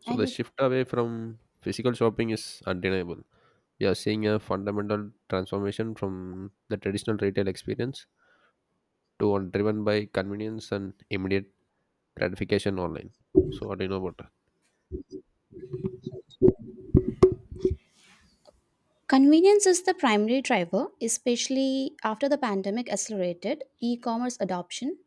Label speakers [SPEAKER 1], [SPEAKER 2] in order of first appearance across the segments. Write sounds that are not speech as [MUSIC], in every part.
[SPEAKER 1] So
[SPEAKER 2] I
[SPEAKER 1] the
[SPEAKER 2] did.
[SPEAKER 1] shift away from physical shopping is undeniable. We are seeing a fundamental transformation from the traditional retail experience to one driven by convenience and immediate gratification online. So what do you know about that?
[SPEAKER 2] Convenience is the primary driver, especially after the pandemic accelerated e commerce adoption.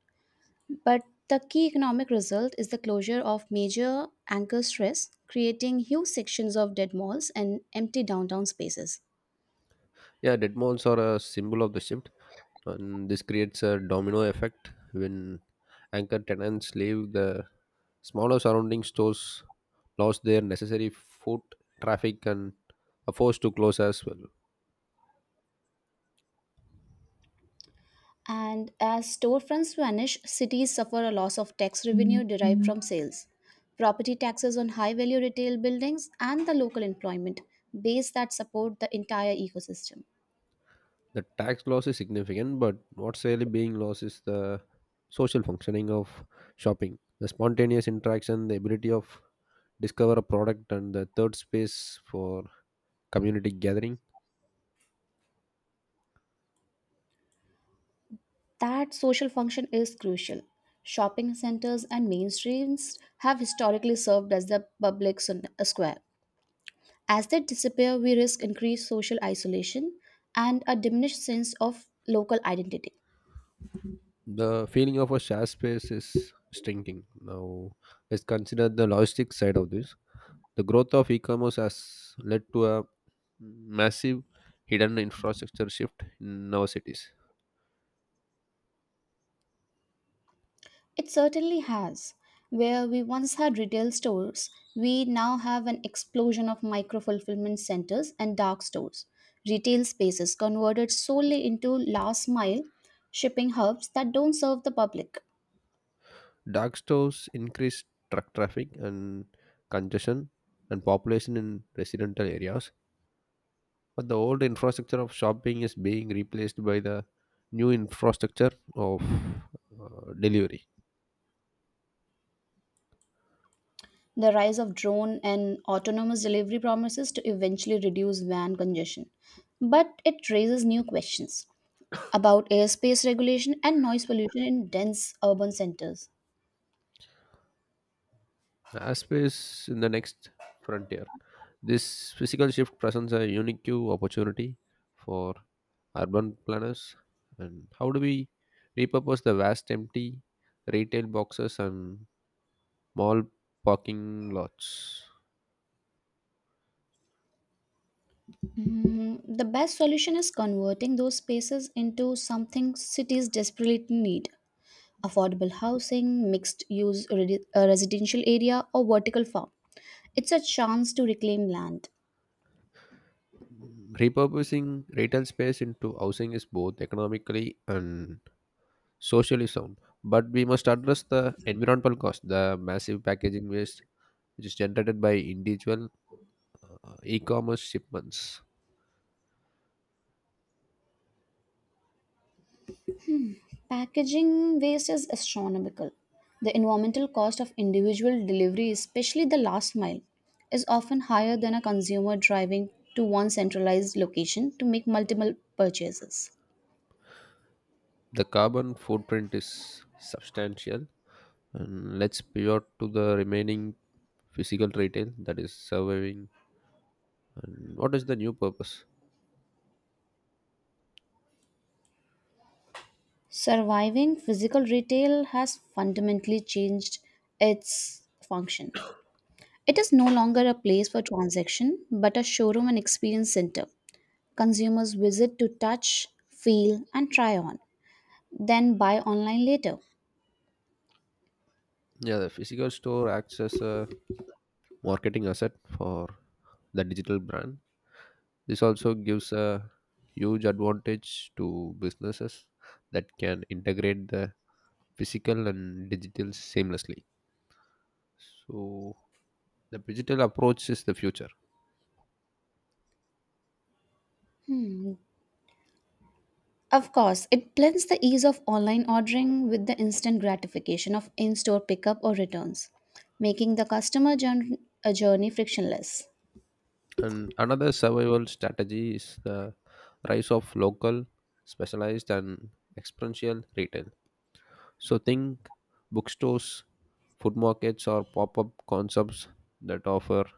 [SPEAKER 2] But the key economic result is the closure of major anchor stress, creating huge sections of dead malls and empty downtown spaces.
[SPEAKER 1] Yeah, dead malls are a symbol of the shift, and this creates a domino effect when anchor tenants leave the smaller surrounding stores lost their necessary foot traffic and are forced to close as well.
[SPEAKER 2] And as storefronts vanish, cities suffer a loss of tax revenue derived from sales, property taxes on high value retail buildings, and the local employment base that support the entire ecosystem.
[SPEAKER 1] The tax loss is significant, but what's really being lost is the social functioning of shopping, the spontaneous interaction, the ability of discover a product, and the third space for community gathering.
[SPEAKER 2] That social function is crucial. Shopping centers and main streets have historically served as the square. As they disappear, we risk increased social isolation and a diminished sense of local identity.
[SPEAKER 1] The feeling of a shared space is shrinking. Now, let's consider the logistics side of this. The growth of e-commerce has led to a massive hidden infrastructure shift in our cities.
[SPEAKER 2] It certainly has. Where we once had retail stores, we now have an explosion of micro fulfillment centers and dark stores. Retail spaces converted solely into last mile shipping hubs that don't serve the public.
[SPEAKER 1] Dark stores increase truck traffic and congestion and population in residential areas, but the old infrastructure of shopping is being replaced by the new infrastructure of delivery.
[SPEAKER 2] The rise of drone and autonomous delivery promises to eventually reduce van congestion, but it raises new questions about airspace regulation and noise pollution in dense urban centers.
[SPEAKER 1] Aspace in the next frontier. This physical shift presents a unique opportunity for urban planners. And how do we repurpose the vast empty retail boxes and mall parking lots?
[SPEAKER 2] The best solution is converting those spaces into something cities desperately need: affordable housing, mixed use residential area, or vertical farm. It's a chance to reclaim land.
[SPEAKER 1] Repurposing retail space into housing is both economically and socially sound, but we must address the environmental cost, the massive packaging waste which is generated by individual e-commerce shipments.
[SPEAKER 2] Packaging waste is astronomical. The environmental cost of individual delivery, especially the last mile, is often higher than a consumer driving to one centralized location to make multiple purchases.
[SPEAKER 1] The carbon footprint is substantial, and let's pivot to the remaining physical retail that is surviving. And what is the new purpose?
[SPEAKER 2] Surviving physical retail has fundamentally changed its function. It is no longer a place for transaction, but a showroom and experience center. Consumers visit to touch, feel, and try on, then buy online later.
[SPEAKER 1] Yeah, the physical store acts as a marketing asset for the digital brand. This also gives a huge advantage to businesses that can integrate the physical and digital seamlessly. So, the digital approach is the future.
[SPEAKER 2] Hmm, Of course, it blends the ease of online ordering with the instant gratification of in store pickup or returns, making the a journey frictionless.
[SPEAKER 1] And another survival strategy is the rise of local, specialized, and experiential retail. So, think bookstores, food markets, or pop up concepts that offer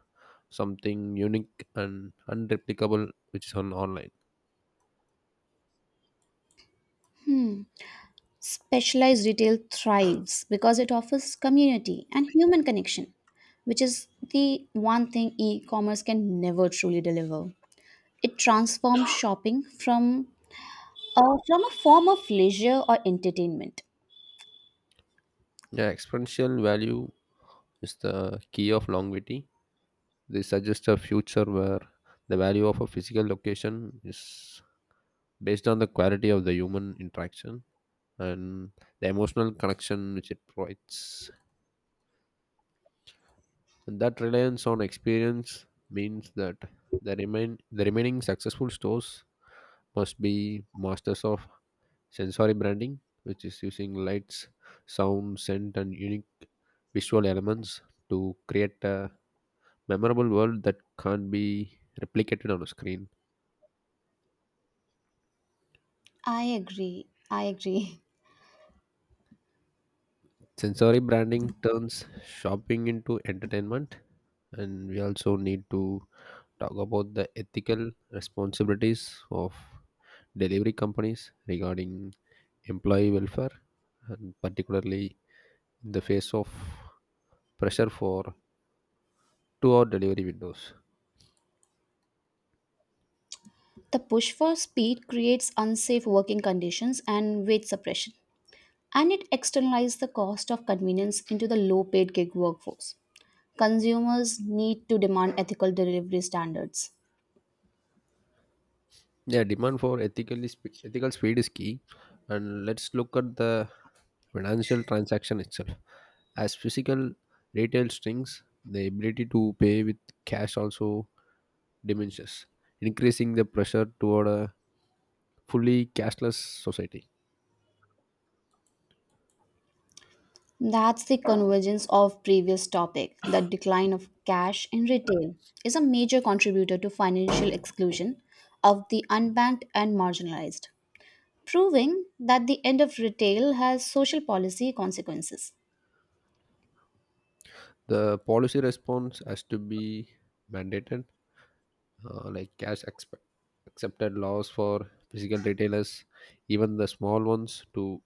[SPEAKER 1] something unique and unreplicable which is on online.
[SPEAKER 2] Specialized retail thrives because it offers community and human connection, which is the one thing e commerce can never truly deliver. It transforms shopping from a form of leisure or entertainment.
[SPEAKER 1] Yeah, exponential value is the key of longevity. They suggest a future where the value of a physical location is based on the quality of the human interaction and the emotional connection which it provides. And that reliance on experience means that the remaining successful stores must be masters of sensory branding, which is using lights, sound, scent, and unique visual elements to create a memorable world that can't be replicated on a screen.
[SPEAKER 2] I agree. I agree. [LAUGHS]
[SPEAKER 1] Sensory branding turns shopping into entertainment, and we also need to talk about the ethical responsibilities of delivery companies regarding employee welfare, and particularly in the face of pressure for 2 hour delivery windows.
[SPEAKER 2] The push for speed creates unsafe working conditions and wage suppression, and it externalizes the cost of convenience into the low paid gig workforce. Consumers need to demand ethical delivery standards.
[SPEAKER 1] Yeah, demand for ethical speed is key, and let's look at the financial transaction itself. As physical retail shrinks, the ability to pay with cash also diminishes, increasing the pressure toward a fully cashless society.
[SPEAKER 2] That's the convergence of previous topic. The decline of cash in retail is a major contributor to financial exclusion of the unbanked and marginalized, proving that the end of retail has social policy consequences.
[SPEAKER 1] The policy response has to be mandated, like accepted laws for physical retailers, even the small ones, to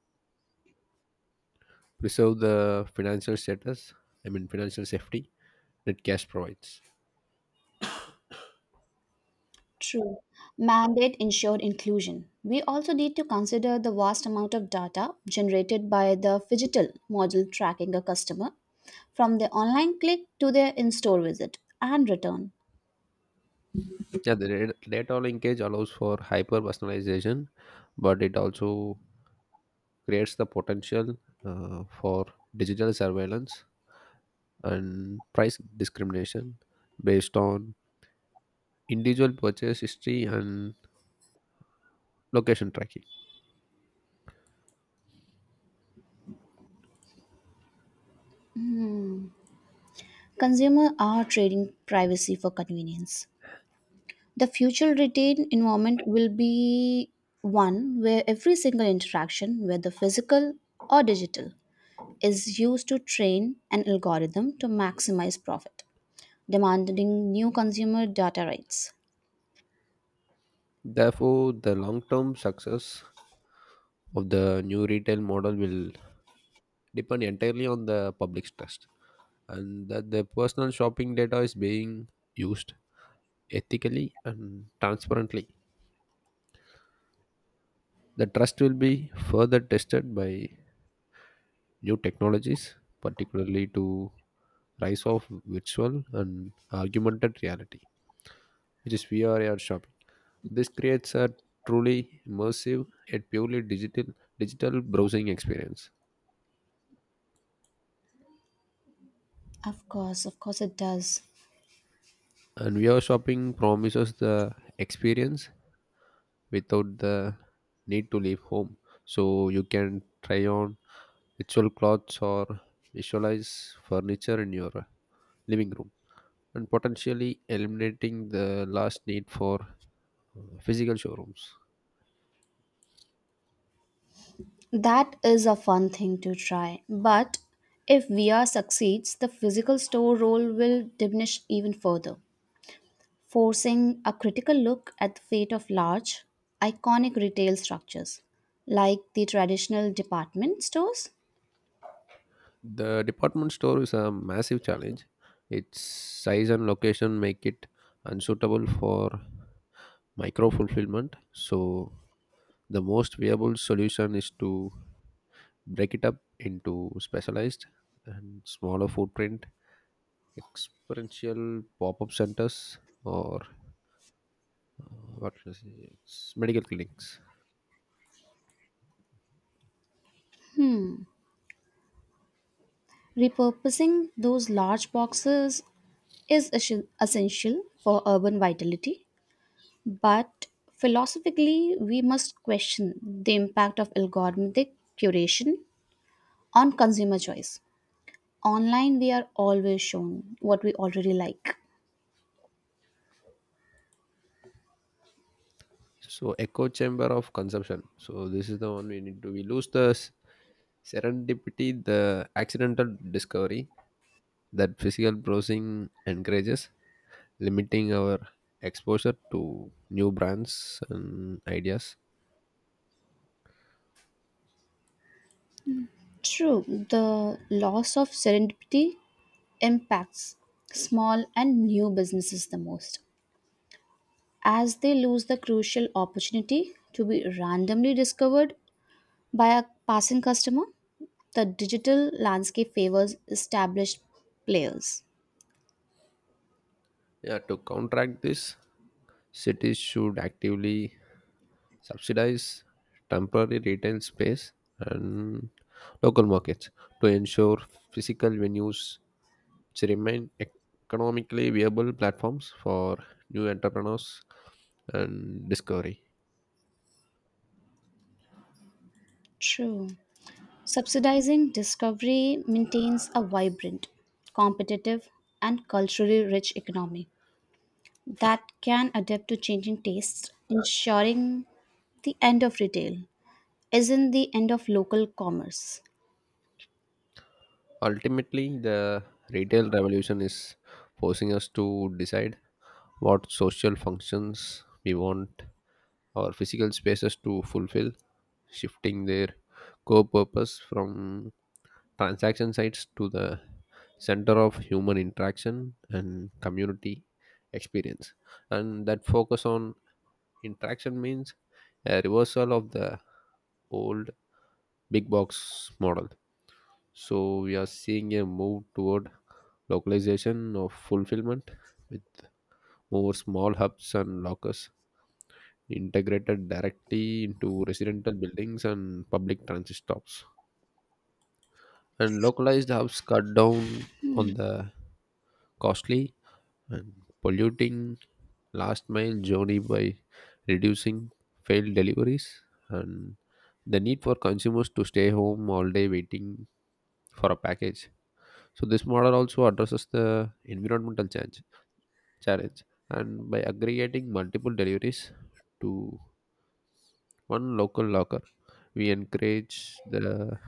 [SPEAKER 1] preserve the financial status, I mean, financial safety that cash provides.
[SPEAKER 2] True. Mandate ensured inclusion. We also need to consider the vast amount of data generated by the phygital model tracking a customer from their online click to their in store visit and return.
[SPEAKER 1] Yeah, the data linkage allows for hyper personalization, but it also creates the potential for digital surveillance and price discrimination based on individual purchase history and location tracking.
[SPEAKER 2] Consumers are trading privacy for convenience. The future retail environment will be one where every single interaction, whether physical or digital, is used to train an algorithm to maximize profit, demanding new consumer data rights.
[SPEAKER 1] Therefore, the long term success of the new retail model will depend entirely on the public's trust and that the personal shopping data is being used ethically and transparently. The trust will be further tested by new technologies, particularly to rise of virtual and augmented reality, which is VR AR shopping. This creates a truly immersive yet purely digital browsing experience.
[SPEAKER 2] Of course, it does.
[SPEAKER 1] And VR shopping promises the experience without the need to leave home. So you can try on virtual clothes or visualize furniture in your living room and potentially eliminating the last need for physical showrooms.
[SPEAKER 2] That is a fun thing to try. But if VR succeeds, the physical store role will diminish even further, forcing a critical look at the fate of large, iconic retail structures like the traditional department stores.
[SPEAKER 1] The department store is a massive challenge. Its size and location make it unsuitable for micro fulfillment. So, the most viable solution is to break it up into specialized and smaller footprint experiential pop-up centers or uh, what should I say, it's medical clinics.
[SPEAKER 2] Repurposing those large boxes is essential for urban vitality. But philosophically, we must question the impact of algorithmic curation on consumer choice. Online, we are always shown what we already like.
[SPEAKER 1] So echo chamber of consumption, so this is the one we need to, we lose the serendipity, the accidental discovery that physical browsing encourages, limiting our exposure to new brands and ideas.
[SPEAKER 2] True, the loss of serendipity impacts small and new businesses the most, as they lose the crucial opportunity to be randomly discovered by a passing customer. The digital landscape favors established players.
[SPEAKER 1] Yeah, to counteract this, cities should actively subsidize temporary retail space and local markets to ensure physical venues which remain economically viable platforms for new entrepreneurs and discovery.
[SPEAKER 2] True. Subsidizing discovery maintains a vibrant, competitive, and culturally rich economy that can adapt to changing tastes, ensuring the end of retail isn't the end of local commerce.
[SPEAKER 1] Ultimately, the retail revolution is forcing us to decide what social functions we want our physical spaces to fulfill, shifting their core purpose from transaction sites to the center of human interaction and community experience. And that focus on interaction means a reversal of the old big box model, so we are seeing a move toward localization of fulfillment with more small hubs and lockers integrated directly into residential buildings and public transit stops. And localized hubs cut down on the costly and polluting last mile journey by reducing failed deliveries and the need for consumers to stay home all day waiting for a package. So this model also addresses the environmental change challenge and by aggregating multiple deliveries to one local locker we encourage the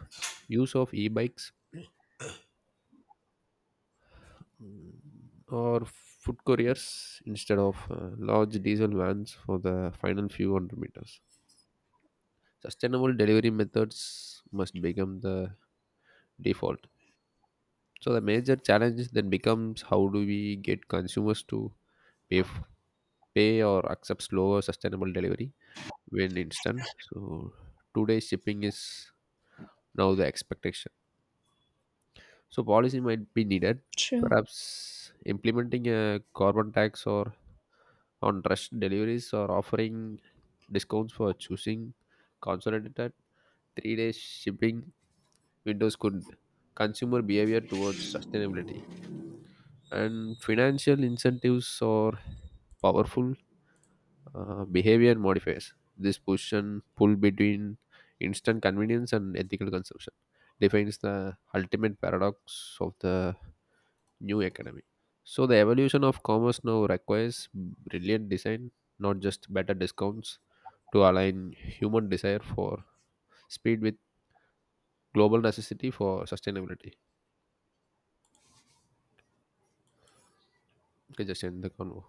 [SPEAKER 1] use of e-bikes, mm, or food couriers instead of large diesel vans for the final few hundred meters. Sustainable delivery methods must become the default. So the major challenge then becomes, how do we get consumers to pay, f- pay or accept slower sustainable delivery when instant. So today shipping is now the expectation. So policy might be needed.
[SPEAKER 2] True.
[SPEAKER 1] Perhaps implementing a carbon tax or on rush deliveries or offering discounts for choosing consolidated 3 days shipping windows could consumer behavior towards sustainability and financial incentives are powerful. Behavior modifiers. This push and pull between instant convenience and ethical consumption defines the ultimate paradox of the new economy. So, the evolution of commerce now requires brilliant design, not just better discounts, to align human desire for speed with global necessity for sustainability. Okay, just end the convo.